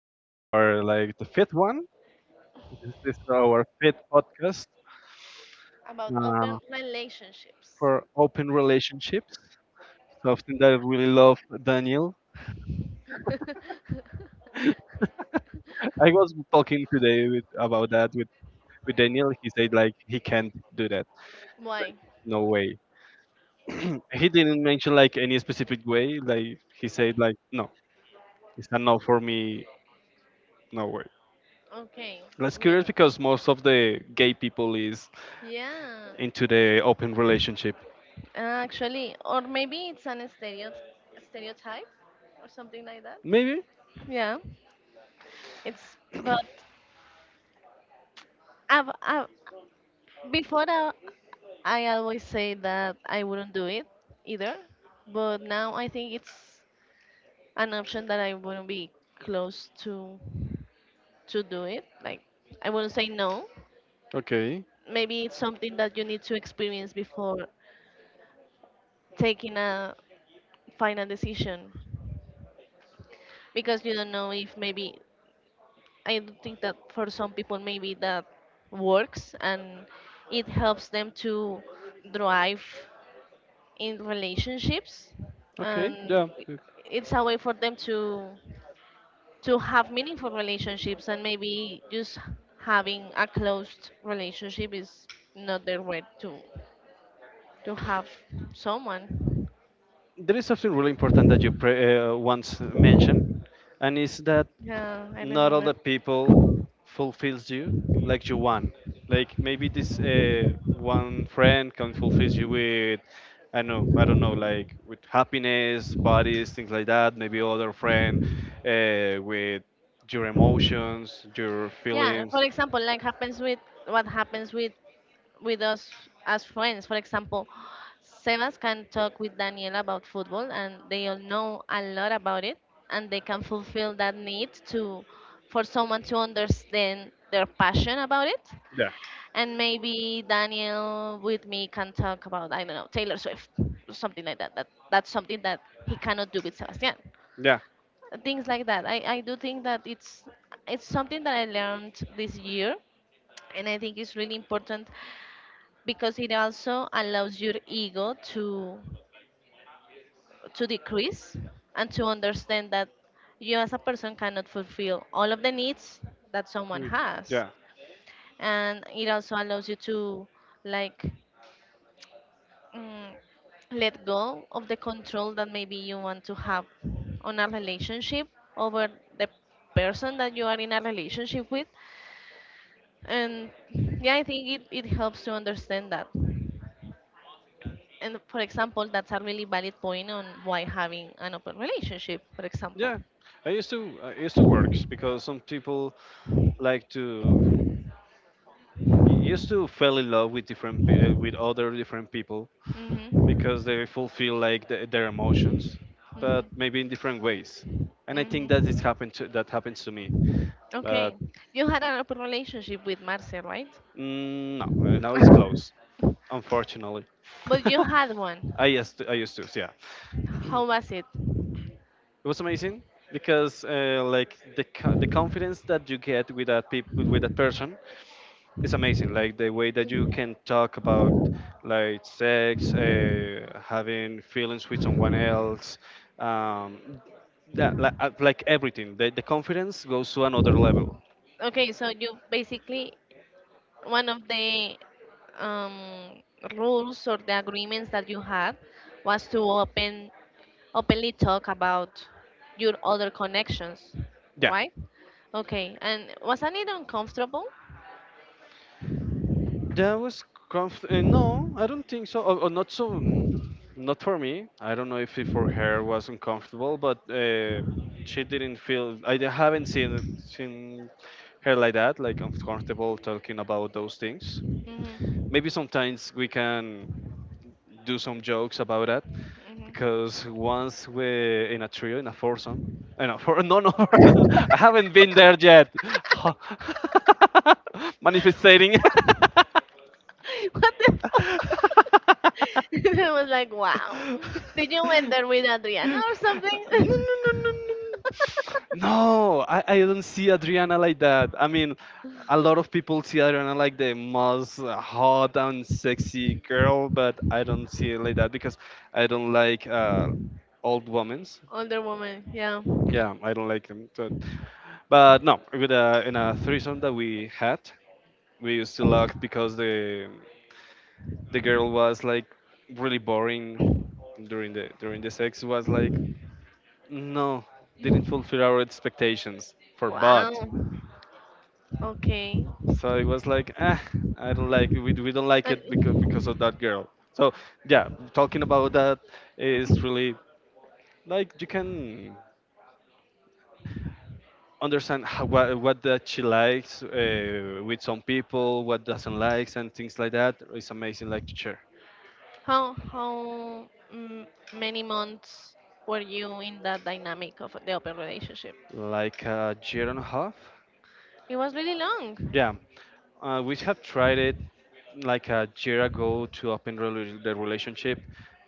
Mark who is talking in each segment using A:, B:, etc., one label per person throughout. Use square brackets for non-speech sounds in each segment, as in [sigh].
A: to our like the fifth one. This is our fifth podcast
B: About open
A: uh,
B: relationships.
A: for open relationships. So something that I really love, Daniel.
B: [laughs]
A: I was talking today with, about that with Daniel. He said like he can't do that.
B: Why?
A: No way. He didn't mention like any specific way. Like he said like no, it's a no for me. No way.
B: Okay,
A: That's curious
B: weird.
A: because most of the gay people is
B: Yeah,
A: into the open relationship.
B: actually, or maybe it's an stereotype or something like that.
A: Maybe.
B: Yeah, it's but I've, I've, before I, I always say that I wouldn't do it either, but now I think it's an option that I wouldn't be close to do it. Like I wouldn't say no,
A: Okay.
B: maybe it's something that you need to experience before taking a final decision because you don't know if maybe I do think that for some people maybe that works and it helps them to thrive in relationships
A: Okay,
B: and
A: yeah.
B: it's a way for them to have meaningful relationships, and maybe just having a closed relationship is not their way to have someone.
A: There is something really important that you once mentioned, and is that
B: Yeah, I
A: not all
B: remember.
A: the people fulfills you like you want. Like maybe this one friend can fulfills you with, I know, I don't know, like with happiness, parties, things like that. Maybe other friend with your emotions, your
B: Yeah,
A: feelings.
B: for example, like happens with what happens with us as friends. For example, Sebas can talk with Daniel about football, and they all know a lot about it, and they can fulfill that need to for someone to understand their passion about it.
A: Yeah.
B: And maybe Daniel with me can talk about, I don't know, Taylor Swift, or something like that. That's something that he cannot do with Sebastian.
A: Yeah.
B: Things like that. I do think that it's something that I learned this year, and I think it's really important because it also allows your ego to decrease and to understand that you as a person cannot fulfill all of the needs that someone
A: You-
B: has,
A: Yeah.
B: and it also allows you to, like, mm, let go of the control that maybe you want to have on a relationship over the person that you are in a relationship with. And yeah, I think it helps to understand that. And for example, that's a really valid point on why having an open relationship, for example.
A: Yeah. I used to I used to works because some people like to used to fell in love with with other different people
B: Hmm.
A: because they fulfill like their emotions, but
B: Hmm.
A: maybe in different ways. And I think that
B: Hmm.
A: that happens to me, but
B: Okay. You had an open relationship with Marcia, right?
A: no, now it's closed,
B: [laughs]
A: unfortunately.
B: But you had one.
A: [laughs] I used to, yeah.
B: How was it?
A: It was amazing because like the the confidence that you get with that with that person is amazing. Like the way that you can talk about like sex, having feelings with someone else. Um, yeah, like everything, the confidence goes to another level.
B: Okay, so you basically one of the um, rules or the agreements that you had was to openly talk about your other connections,
A: Yeah,
B: right? Okay, and wasn't it uncomfortable?
A: that was no, I don't think so. Or not so, not for me. I don't know if it for her was uncomfortable, but she didn't feel. Haven't seen her like that, like uncomfortable talking about those things.
B: Hmm.
A: Maybe sometimes we can do some jokes about that because
B: Hmm.
A: once we're in a trio, in a foursome, I know for no, no, [laughs] I haven't been there yet. [laughs] Manifesting. [laughs]
B: [laughs] What the fuck? [laughs]
A: [laughs]
B: [laughs] I was like, wow. Did you went there with Adriana or something?
A: No,
B: [laughs]
A: no, no, no, no. No, I don't see Adriana like that. I mean, a lot of people see Adriana like the most hot and sexy girl, but I don't see it like that because I don't like old women.
B: Older woman, yeah.
A: Yeah, I don't like them. But no, in a threesome that we had, we used to lock because the girl was like really boring during the sex was like no didn't fulfill our expectations for
B: Wow.
A: bot,
B: Okay.
A: so it was like ah, I don't like we don't like it because
B: And
A: because of that girl. So yeah, talking about that is really like you can understand what that she likes with some people, what doesn't likes and things like that. It's amazing like to share.
B: how how mm, many months were you in that dynamic of the open relationship?
A: Like a year and a half.
B: It was really long.
A: Yeah, we have tried it like a year ago to the relationship,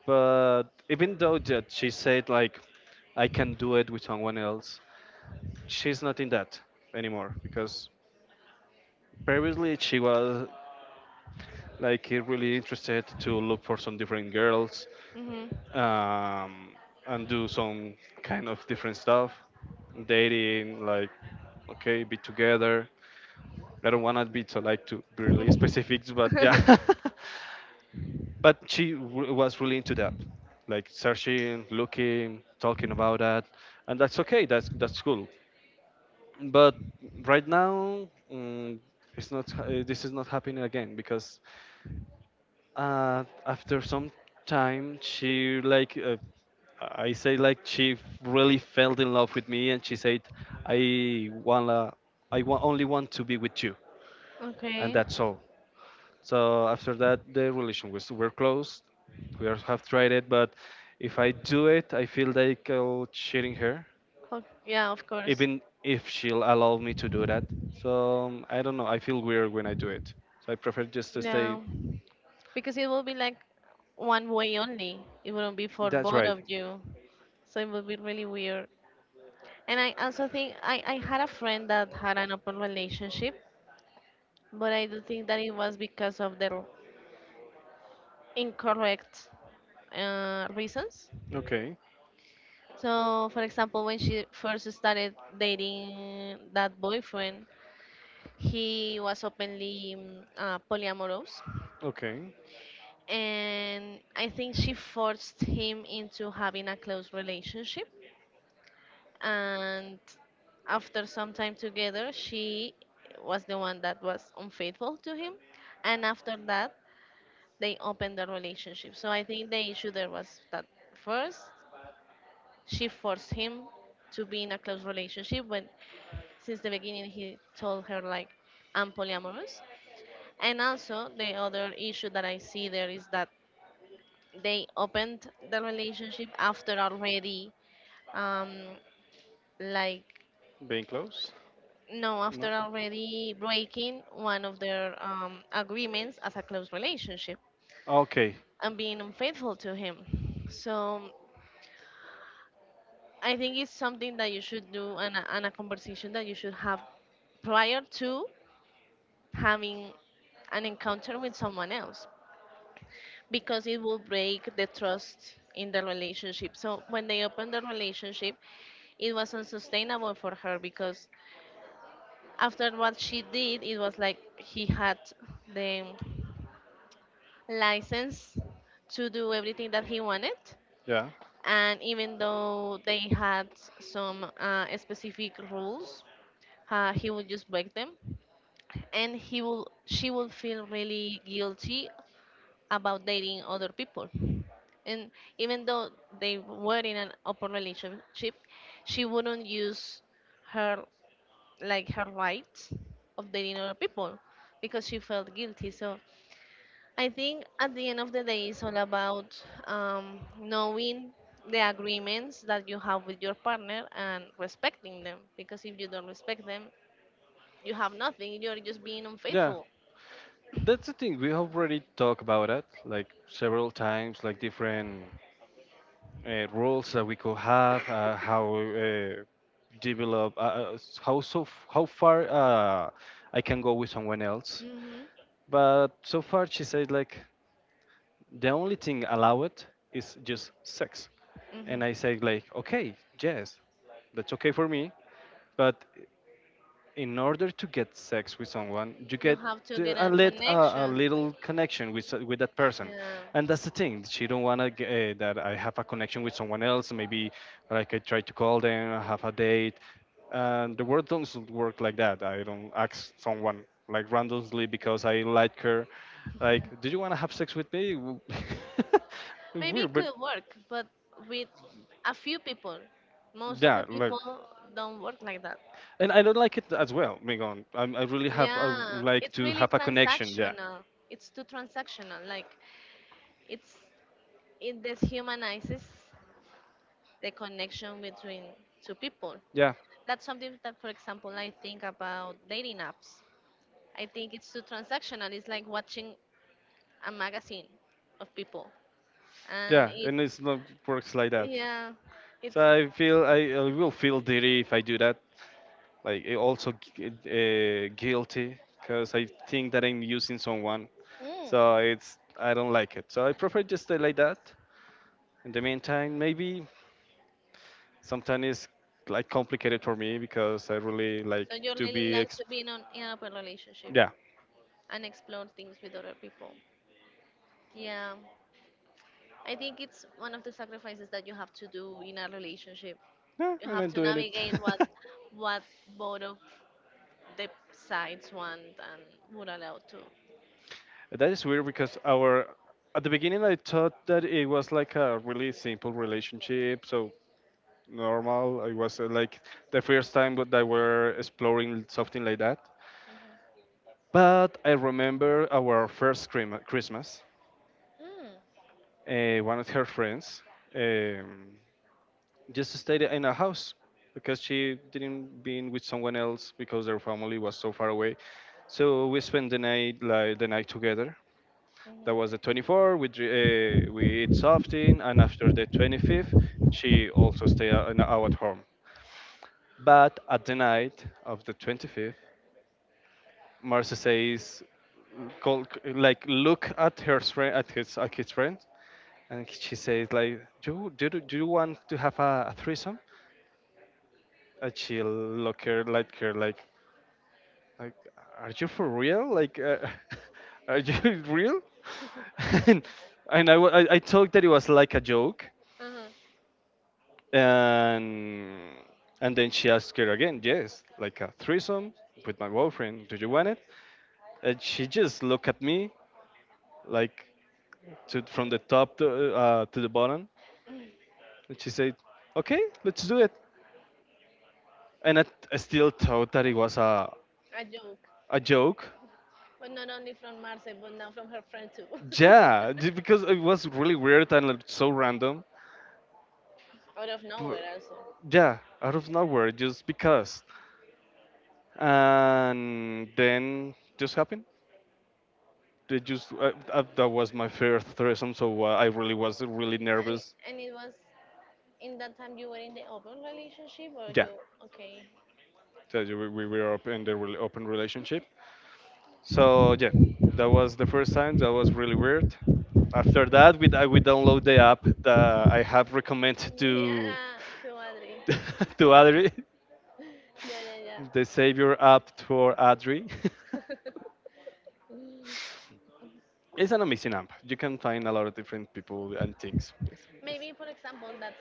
A: but even though that she said like I can do it with someone else, she's not in that anymore because previously she was like really interested to look for some different girls.
B: Hmm.
A: um, and do some kind of different stuff dating like okay be together, I don't want to be so like to be really specific, but yeah. [laughs]
B: [laughs]
A: But she was really into that, like searching, looking, talking about that. And that's okay, that's cool. But right now, it's not ha- this is not happening again because after some time she like I say like she really fell in love with me and she said I wanna only want to be with you, and
B: Okay.
A: that's all. So after that, the relation was we're close. We are, have tried it, but if I do it, I feel like I'll cheating her,
B: Yeah, of course.
A: even if she'll allow me to do that. So I don't know. I feel weird when I do it. So I prefer just to stay.
B: Yeah. Because it will be like one way only. It wouldn't be for
A: That's
B: both
A: right.
B: of you. So it would be really weird. And I also think I had a friend that had an open relationship, but I do think that it was because of their incorrect reasons.
A: Okay.
B: So, for example, when she first started dating that boyfriend, he was openly polyamorous.
A: Okay.
B: And I think she forced him into having a close relationship, and after some time together she was the one that was unfaithful to him. And after that they opened the relationship. So I think the issue there was that first she forced him to be in a close relationship when since the beginning he told her, like, I'm polyamorous. And also the other issue that I see there is that they opened the relationship after already um, like,
A: Being close.
B: no,
A: No.
B: after already breaking one of their agreements as a close relationship
A: Okay.
B: and being unfaithful to him. So I think it's something that you should do, and a conversation that you should have prior to having an encounter with someone else, because it will break the trust in the relationship. So when they opened the relationship, it was unsustainable for her because after what she did, it was like he had the license to do everything that he wanted.
A: Yeah.
B: And even though they had some specific rules, he would just break them. And she will feel really guilty about dating other people. And even though they were in an open relationship, she wouldn't use her like her rights of dating other people because she felt guilty. So I think at the end of the day, it's all about knowing the agreements that you have with your partner and respecting them. Because if you don't respect them, you have nothing. You're just being
A: Yeah.
B: unfaithful.
A: That's the thing. We already talked about it like several times, like different rules that we could have, how develop, s- how so, f- how far I can go with someone else.
B: Hmm.
A: But so far, she said like the only thing allowed is just sex, and
B: Hmm.
A: I said like okay, yes, that's okay for me. But in order to get sex with someone, you
B: You
A: get
B: have to get a
A: a
B: connection.
A: little connection with that person,
B: Yeah.
A: and that's the thing. She don't wanna that I have a connection with someone else. Maybe like I try to call them, I have a date, and the world doesn't work like that. I don't ask someone like randomly because I like her. Like, do you wanna have sex with me? W- [laughs]
B: Maybe
A: Weird,
B: it
A: but
B: could work, but with a few people. Most of
A: yeah,
B: the
A: like,
B: people don't work like that.
A: and I don't like it as well. Megon, I really have I
B: Yeah,
A: like
B: it's
A: to
B: really
A: have a connection. Yeah,
B: transactional. It's too transactional. Like it's it deshumanizes the connection between two people.
A: yeah.
B: That's something that, for example, I think about dating apps. I think it's too transactional. It's like watching a magazine of people, and
A: Yeah,
B: it,
A: and it's not works like that.
B: yeah,
A: So
B: it's.
A: I feel I will feel dirty if I do that. Like guilty because I think that I'm using someone.
B: Mm.
A: So it's I don't like it. So I prefer just stay like that. In the meantime, maybe sometimes it's like complicated for me because I really
B: So
A: like
B: you
A: to
B: really like to be in an open relationship
A: yeah.
B: and explore things with other people. Yeah. I think it's one of the sacrifices that you have to do in a relationship.
A: Yeah,
B: You
A: and
B: have
A: I'm
B: to
A: doing it.
B: navigate what
A: [laughs]
B: what both of the sides want and would allow to.
A: That is weird because our at the beginning I thought that it was like a really simple relationship, so normal. It was like the first time that I were exploring something like that. But I remember our first Christmas.
B: Mm.
A: One of her friends um, just stayed in a house because she didn't been with someone else because their family was so far away. So we spent the night together. That was the
B: Mhm.
A: 24th. We we eat something, and after the 25th, she also an hour at home. But at the night of the 25th, Marcia says, call, like look at her friend, at his friend, and she says like, do you want to have a threesome? And she look her like her like, are you for real? Like, [laughs] are you [laughs] real? [laughs] and and I, I thought that it was like a joke.
B: Uh-huh.
A: And, and then she asked her again, yes, like a threesome with my boyfriend. Do you want it? And she just looked at me, like to, from the top to the bottom.
B: Mm.
A: And she said, okay, let's do it. And I still thought that it was
B: A joke,
A: a joke.
B: but not only from Marcel, but now from her friend too, [laughs]
A: Yeah, j- because it was really weird and like, so random.
B: out of
A: Pr-
B: nowhere also.
A: yeah, out of nowhere, just because. And then just happened. They just that was my first threesome, so I really was really
B: And
A: nervous.
B: and it was in that time, you were in the open relationship, or, yeah,
A: Yeah,
B: you okay?
A: so we were up in the open relationship, so yeah, that was the first time. That was really weird. After that, we download the app that I have
B: [laughs]
A: recommended to
B: Yeah, to Adri. [laughs]
A: [laughs] to Adri,
B: Yeah, yeah,
A: the
B: yeah.
A: Savior app for Adri.
B: [laughs]
A: [laughs] It's an amazing app. You can find a lot of different people and things. Yes, yes.
B: Maybe, for example, that's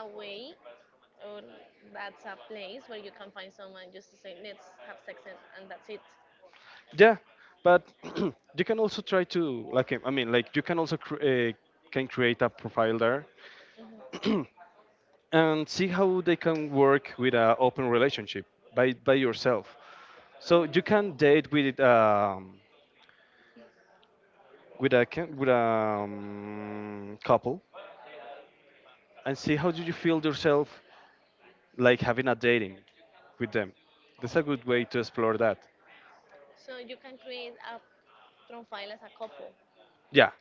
B: a way or that's a place where you can find someone just to say, let's have sex, and that's it.
A: Yeah, but [clears throat] you can also try to like I mean like you can also cr- can create a profile there.
B: Mhm.
A: [clears throat] And see how they can work with an open relationship by yourself. So you
B: Mm.
A: can date with with a couple and see how do you feel yourself like having a dating with them. That's a good way to explore that.
B: So you can create a profile as a couple.
A: Yeah,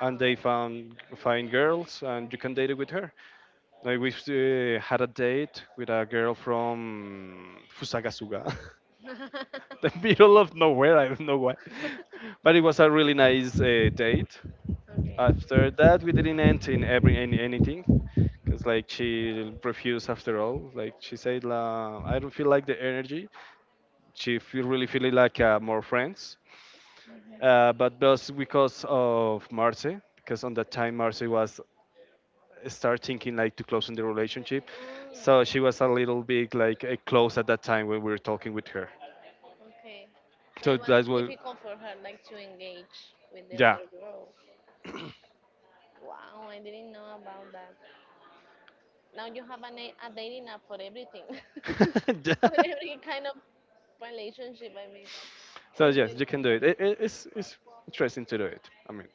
A: and they found fine girls and you can date it with her. Like we had a date with a girl from Fusagasuga. [laughs] [laughs]
B: [laughs]
A: The middle of nowhere. I don't know why, but it was a really nice date.
B: Correct.
A: After that, we
B: Mm,
A: didn't end in every in anything because like she refused after all. Like she said, la, I don't feel like the energy. She feel really feeling like more friends, but just because of Marcy, because on that time Marcy was start thinking like to close in the relationship, so she was a little bit like close at that time when we were talking with her,
B: okay. So
A: so
B: it was
A: that's what,
B: difficult for her, like, to engage with the
A: yeah.
B: other girl. Wow, I didn't know about that. Now
A: [laughs] Now,
B: you have a dating app for everything, [laughs] for every kind of relationship. I mean,
A: so
B: it's
A: yes,
B: been-
A: you can do it. It's interesting to do it. I mean,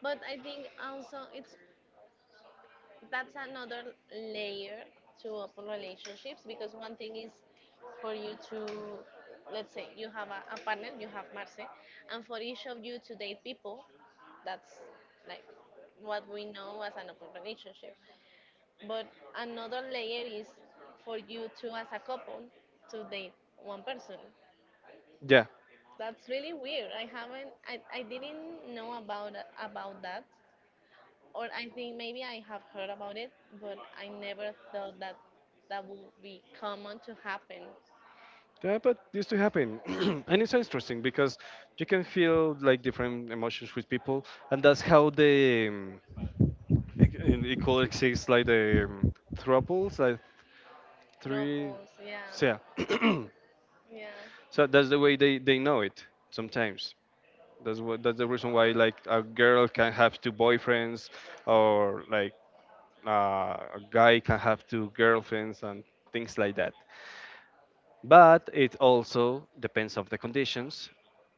B: but I think also it's that's another layer to open relationships, because one thing is for you to, let's say, you have a partner, you have Marce, and for each of you to date people, that's like what we know as an open relationship, but another layer is for you two as a couple to date one person.
A: yeah,
B: That's really weird. I haven't I didn't know about that, or I think maybe I have heard about it, but I never thought that that would be common to happen.
A: yeah, but this to happen, [clears throat] and it's interesting because you can feel like different emotions with people, and that's how the it could exist like the thruples, like three,
B: Tropos, yeah,
A: so yeah. [clears throat]
B: yeah.
A: So that's the way they know it sometimes. That's the reason why
B: Wow.
A: like a girl can have two boyfriends or like a guy can have two girlfriends and things like that. But it also depends of the conditions.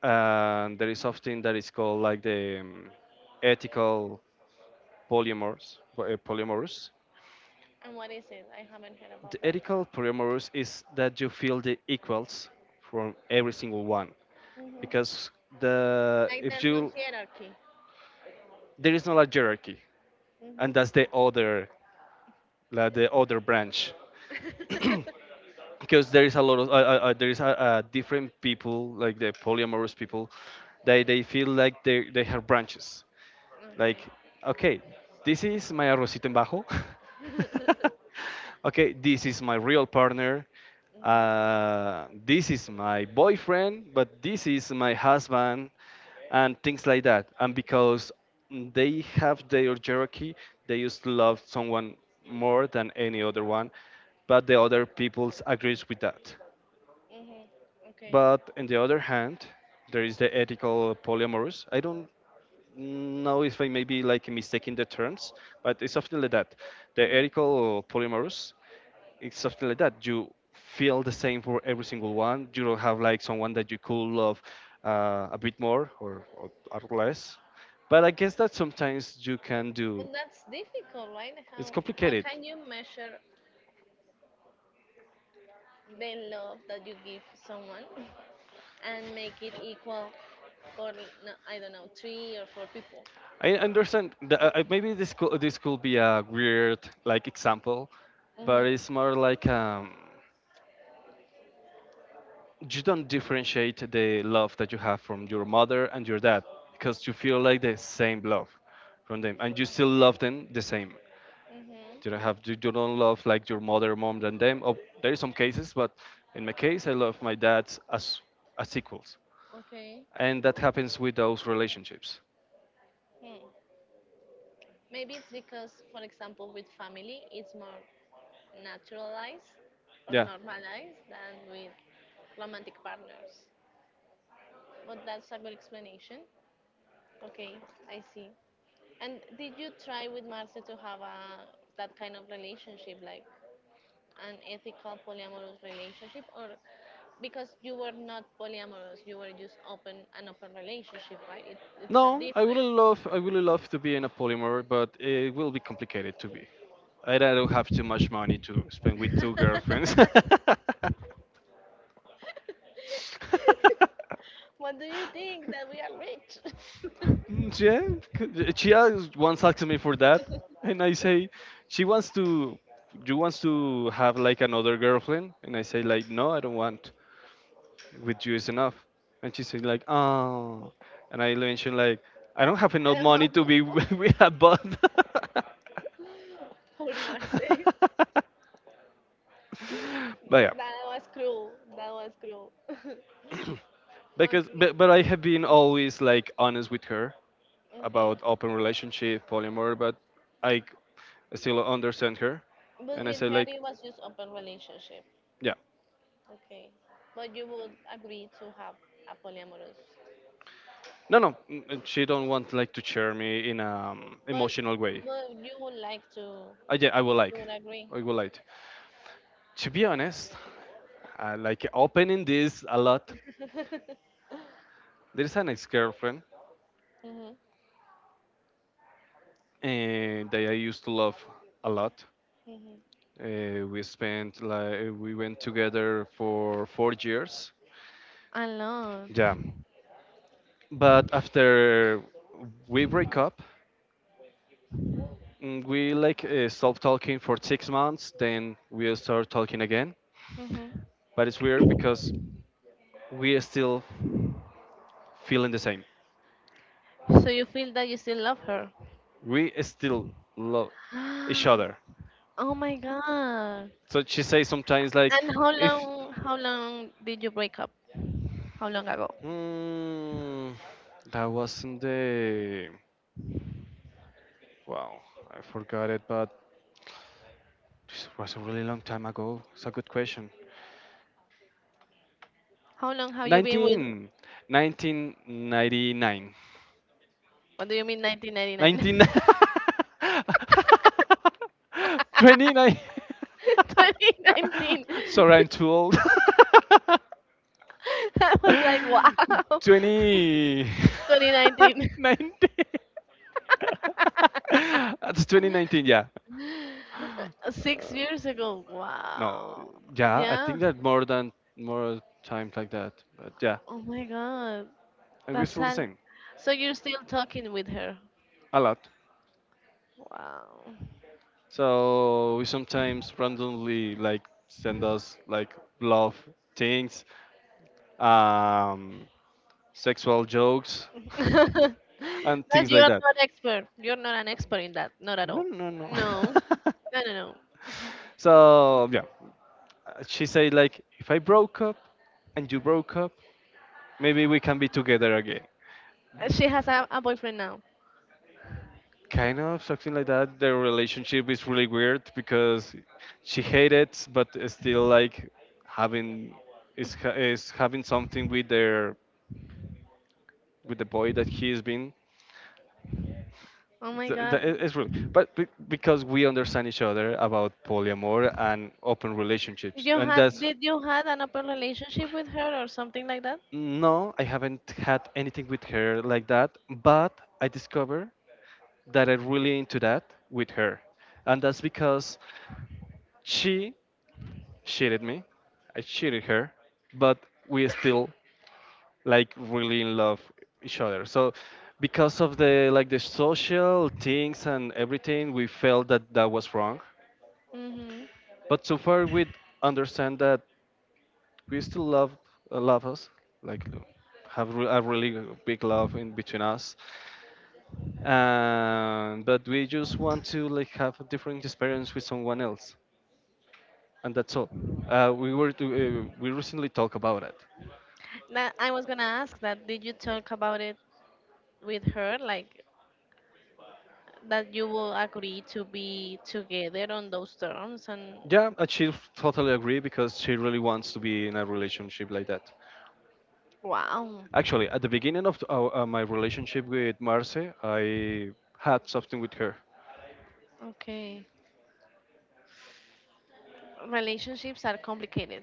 A: And there is something that is called like the ethical polymorphs.
B: And what is it? I haven't heard about
A: The
B: that.
A: ethical polymorphs is that you feel the equals from every single one
B: Hmm.
A: because the
B: Like
A: if
B: there's no
A: you
B: hierarchy.
A: there is not a hierarchy,
B: Hmm.
A: and that's the other, like the other branch,
B: [laughs]
A: because there is a lot of different people, like the polyamorous people. They feel like they have branches like,
B: Okay.
A: okay, this is my arrocito en bajo.
B: [laughs]
A: [laughs] Okay, this is my real partner.
B: Hmm.
A: This is my boyfriend, but this is my husband, and things like that. And because they have their hierarchy, they used to love someone more than any other one, but the other peoples agrees with that.
B: Hmm. Okay.
A: But on the other hand, there is the ethical polyamorous. I don't, no, if I maybe like mistaking the terms, but it's something like that. The
B: Hmm.
A: helical polymers, it's something like that. You feel the same for every single one. You don't have like someone that you could love a bit more or less. But I guess that sometimes you can
B: But
A: do.
B: that's difficult, right?
A: It's
B: How
A: complicated.
B: can you measure the love that you give someone [laughs] and make it equal for, no, I don't know, three or four people.
A: I understand. Maybe this could be a weird like example,
B: Mhm.
A: but it's more like you don't differentiate the love that you have from your mother and your dad because you feel like the same love from them, and you still love them the same.
B: Mhm.
A: You don't love like your mother more than them. Oh, there is some cases, but in my case I love my dads as equals,
B: Okay.
A: and that happens with those relationships.
B: Hmm. Maybe it's because, for example, with family, it's more naturalized or
A: Yeah,
B: normalized than with romantic partners. But that's a good explanation. Okay, I see. And did you try with Marce to have a that kind of relationship, like? An ethical polyamorous relationship, or because you were not polyamorous, you were just open an open relationship, right? It's a
A: no, i
B: difference.
A: really love i really love to be in a polymer, but it will be complicated to be. I don't have too much money to spend with two girlfriends. [laughs]
B: [laughs] What do you think that we are, rich? [laughs]
A: Mm, yeah, once asked me for that, and I say she wants to. You wants to have like another girlfriend, and I say like no, I don't want. With you is enough, and she said like oh, and I mentioned like I don't have enough
B: I don't
A: money to be [laughs]
B: know.
A: with a bot.
B: [laughs] Poor Marce. [laughs]
A: [laughs] [laughs] But yeah,
B: That was cruel. That was cruel. [laughs]
A: because
B: Okay.
A: but, but I have been always like honest with her
B: Okay.
A: about open relationship polyamory, but i c- still understand her,
B: But
A: and I
B: with
A: say
B: her,
A: like
B: it was just open relationship.
A: yeah.
B: Okay. But you would agree to have a polyamorous.
A: No, no, she don't want like to cheer me in a
B: But
A: emotional way.
B: but
A: I Yeah, i will
B: you
A: like
B: would agree.
A: i will like to be honest. I like opening this a lot.
B: [laughs]
A: There's an ex-girlfriend,
B: Hmm.
A: and that I used to love a lot.
B: Hmm.
A: We spent like We went together for 4 years.
B: Alone.
A: Yeah. But after we break up, we like stop talking for 6 months. Then we start talking again.
B: Hmm.
A: But it's weird because we are still feeling the same.
B: So you feel that you still love her?
A: We still love each
B: [gasps]
A: other.
B: Oh my God.
A: So she says sometimes like,
B: And how
A: if
B: long how long did you break up? How long ago?
A: mm, that wasn't the wow, I forgot it, but this was a really long time ago. It's a good question.
B: How long have you been with?
A: 19, 1999.
B: What do you mean,
A: 19
B: 1999?
A: [laughs] 29
B: 2019.
A: [laughs] sorry, I'm
B: [laughs]
A: too old.
B: [laughs] I was like,
A: [laughs]
B: wow. [laughs]
A: 20
B: 2019.
A: [laughs] 19, that's 2019, yeah.
B: [laughs] 6 years ago.
A: No,
B: Wow.
A: yeah, I
B: Yeah.
A: think that more than more times like that, but yeah,
B: Oh my God.
A: and we're
B: That's
A: still the
B: an.
A: same.
B: So you're still talking with her.
A: A lot.
B: Wow.
A: So we sometimes randomly like send us like love things, um, sexual jokes,
B: [laughs]
A: and
B: But
A: things
B: you're
A: like that.
B: not expert. You're not an expert in that. Not at
A: No,
B: all.
A: no, no.
B: No.
A: [laughs]
B: No, no, no.
A: So yeah, uh, she said like, if I broke up and you broke up, maybe we can be together again.
B: She has a boyfriend now.
A: Kind of something like that. Their relationship is really weird because she hated, but is still like having is having something with the boy that he's been.
B: Oh my God.
A: It's really, but because we understand each other about polyamor and open
B: Did
A: relationships,
B: you
A: and
B: had
A: that's,
B: did you had an open relationship with her or something like that?
A: no, I haven't had anything with her like that, but I discovered that I'm really into that with her. And that's because she cheated me. I cheated her, but we still like really in love each other. So because of the, like, the social things and everything, we felt that that was wrong.
B: Mm-hmm.
A: But so far we understand that we still love, love us, like a really big love in between us. And but we just want to like have a different experience with someone else, and that's all. We recently talked about it.
B: Now, I was gonna ask that. Did you talk about it with her? Like, that you will agree to be together on those terms? And
A: Yeah, and she totally agree because she really wants to be in a relationship like that.
B: wow,
A: Actually, at the beginning of my relationship with Marce, I had something with her.
B: okay, relationships are complicated,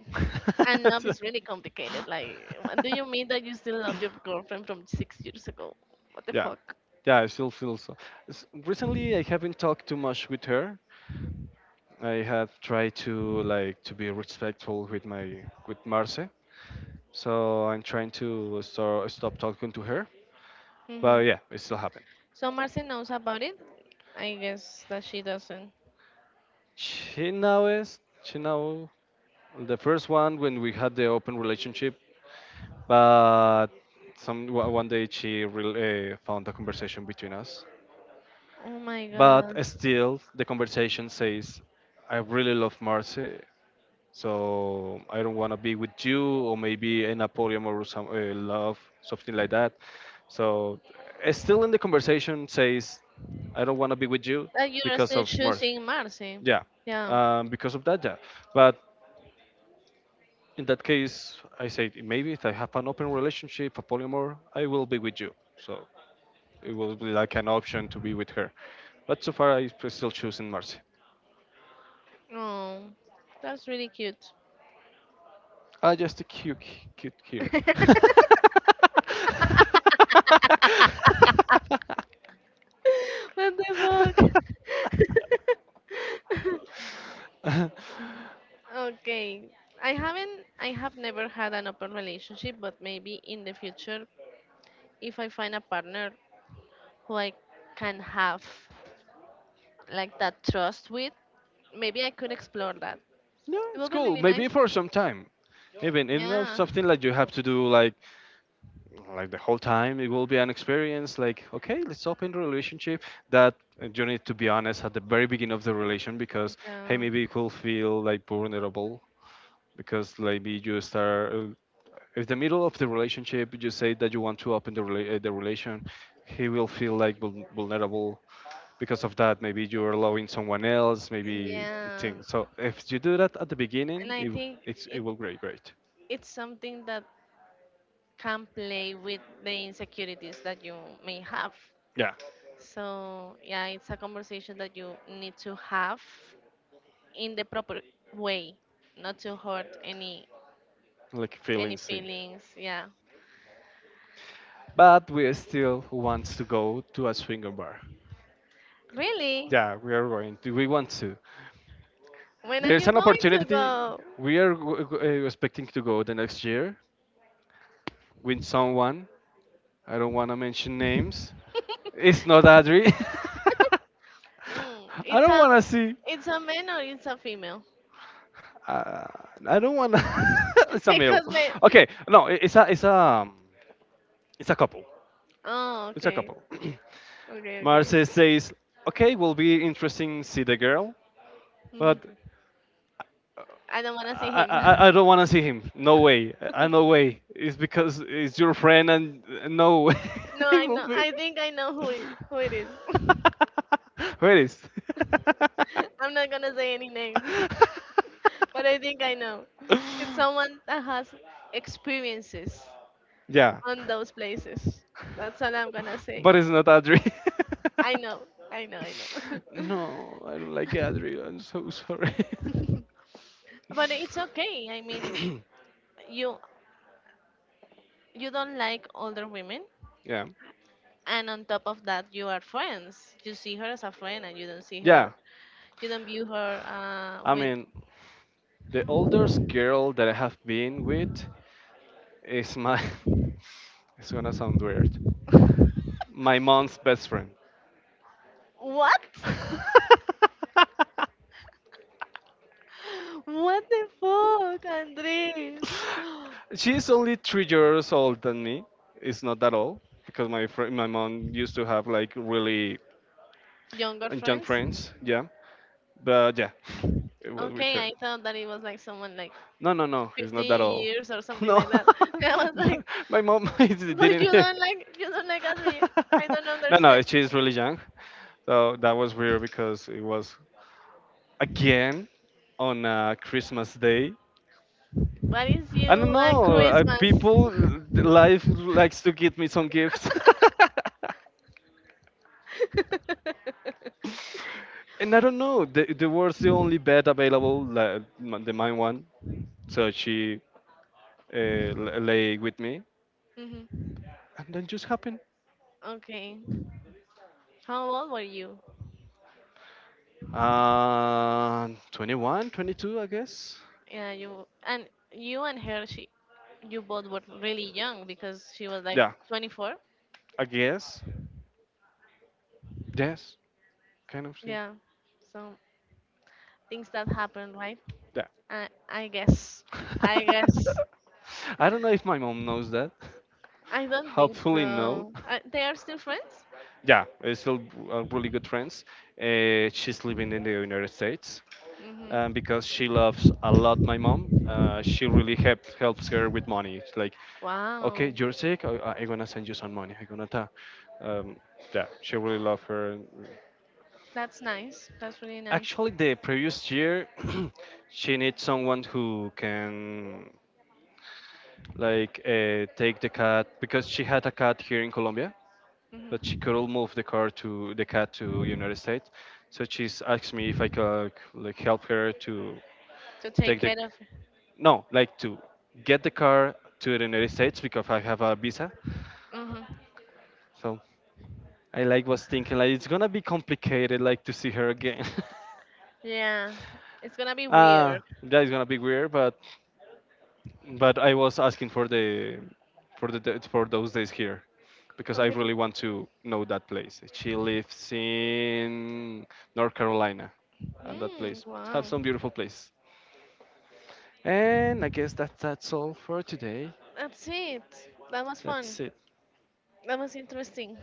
B: and love is really
A: [laughs]
B: complicated. Like, what do you mean that you still love your girlfriend from 6 years ago? What the
A: Yeah,
B: fuck?
A: yeah, I still feel so. Recently, I haven't talked too much with her. I have tried to like to be respectful with Marce, so I'm trying to stop talking to her.
B: Hmm.
A: But yeah, it still happened.
B: So Marcy knows about it? I guess that she doesn't.
A: She now the first one when we had the open relationship. But some one day she found a conversation between us.
B: Oh my
A: But
B: God.
A: still the conversation says I really love Marcy, so I don't want to be with you, or maybe in a polyamorous love, something like that. So still in the conversation says I don't want to be with you
B: That you're
A: because
B: still
A: of Marcy,
B: choosing Marcy.
A: yeah.
B: Yeah.
A: Because of that, yeah. But in that case I said maybe if I have an open relationship, a polyamor, I will be with you, so it will be like an option to be with her. But so far, I'm still choosing Marcy.
B: Oh, that's really cute.
A: Ah, just a cute, cute here. [laughs]
B: [laughs] What the fuck? [laughs] Okay. I have never had an open relationship, but maybe in the future if I find a partner who I can have, like, that trust with, maybe I could explore that.
A: No,
B: It
A: it's
B: will be
A: cool.
B: really
A: Maybe
B: nice.
A: for some time. Even you know
B: Yeah.
A: something like you have to do like the whole time. It will be an experience. Like okay, let's open the relationship. That You need to be honest at the very beginning of the relation because hey,
B: Yeah.
A: maybe you could feel like vulnerable because maybe you start if the middle of the relationship you say that you want to open the relation, he will feel like vulnerable because of that, maybe you're allowing someone else, maybe
B: Yeah.
A: things, so if you do that at the
B: And
A: beginning,
B: I
A: it, w-
B: think
A: it's, it
B: it
A: will great, great,
B: it's something that can play with the insecurities that you may have.
A: yeah,
B: So, yeah, it's a conversation that you need to have in the proper way, not to hurt any
A: like feelings
B: any
A: thing.
B: feelings. Yeah.
A: But we still want to go to a swinger bar.
B: Really?
A: Yeah, we are going to. We want to.
B: When are
A: There's
B: you
A: an
B: going to
A: opportunity.
B: go?
A: We are expecting to go the next year with someone. I don't want to mention names. It's not Adri.
B: Mm,
A: [laughs] I
B: it's
A: don't
B: a
A: want to see.
B: it's a man or it's a female?
A: Uh, I don't want. To [laughs] It's
B: [laughs]
A: a male.
B: because me.
A: Okay, no, it's a couple.
B: Oh,
A: It's a
B: okay.
A: couple. [clears throat]
B: Okay,
A: Marce
B: okay.
A: says, "Okay, will be interesting see the girl,
B: Mhm.
A: but
B: I don't wanna
A: I
B: see
A: I,
B: him.
A: I- I don't want to see him. No way. I No
B: [laughs]
A: way. It's because it's your friend, and no way.
B: No,
A: [laughs]
B: I
A: Will
B: know.
A: be.
B: I think I know who it is.
A: [laughs]
B: [laughs]
A: Where is?
B: I'm not gonna say any names, [laughs] but I think I know. It's someone that has experiences
A: Yeah,
B: on those places. That's all I'm gonna say.
A: but it's not Adri. [laughs]
B: I know, I know, I know.
A: No, I don't like Adri. I'm so sorry. [laughs]
B: [laughs] But it's okay. I mean, you you don't like older women,
A: Yeah.
B: and on top of that, you are friends. You see her as a friend, and you don't see her.
A: Yeah,
B: You don't view her
A: I
B: with.
A: mean, the oldest girl that I have been with is my. [laughs] It's gonna sound weird, my mom's best friend.
B: What?
A: [laughs]
B: [laughs] What the fuck, Andres? [gasps]
A: She's only 3 years old than me. It's not that old because my mom used to have like really
B: Younger
A: young
B: friends?
A: friends. Yeah, but yeah, [laughs] it was with
B: Okay,
A: her.
B: I thought that it was like someone like
A: No, no, no, it's
B: 50
A: not that old. [laughs]
B: years or something
A: No,
B: like that. [laughs] I
A: [laughs]
B: was
A: my
B: like.
A: my mom [laughs]
B: But you
A: didn't.
B: don't like you don't like Adri. I don't
A: [laughs] No, no,
B: understand.
A: she's really young. So that was weird because it was again on Christmas Day.
B: What is
A: I
B: you
A: don't
B: and
A: know.
B: Christmas?
A: Life likes to give me some gifts. [laughs]
B: [laughs]
A: And I don't know. The was the only bed available, like, m- the mine one. So she lay with me,
B: Hmm.
A: and then just happened.
B: Okay. How old were you?
A: 21, 22, I guess.
B: Yeah, you and her. You both were really young because she was like
A: Yeah,
B: 24.
A: I guess. Yes, kind of thing.
B: Yeah. So things that happen, right?
A: Yeah.
B: I guess. I
A: [laughs]
B: guess.
A: I don't know if my mom knows that.
B: I
A: [laughs]
B: don't think
A: Hopefully, no.
B: so. They are still friends?
A: Yeah, it's still really good friends. She's living in the United States,
B: Mhm.
A: and because she loves a lot my mom, she really helps her with money. It's like,
B: Wow,
A: okay, you're sick, I'm gonna send you some money. I'm gonna ta. Um, yeah, she really love her.
B: that's nice. That's really nice.
A: Actually, the previous year, [clears throat] she needs someone who can like take the cat because she had a cat here in Colombia, but she
B: Hmm.
A: couldn't move the car to the cat to United States. So she's asked me if I could like help her to
B: To take
A: take the
B: care of.
A: no, like to get the car to the United States because I have a visa.
B: Hmm.
A: So I like was thinking like it's gonna be complicated like to see her again. [laughs]
B: Yeah, it's gonna be
A: Ah,
B: weird.
A: that is gonna be weird, but I was asking for the for those days here, because I
B: Okay.
A: really want to know that place. She lives in North Carolina, and that
B: Mm,
A: place have
B: wow,
A: some beautiful place. And I guess that that's all for today.
B: that's it. That was fun.
A: That's it.
B: That was interesting.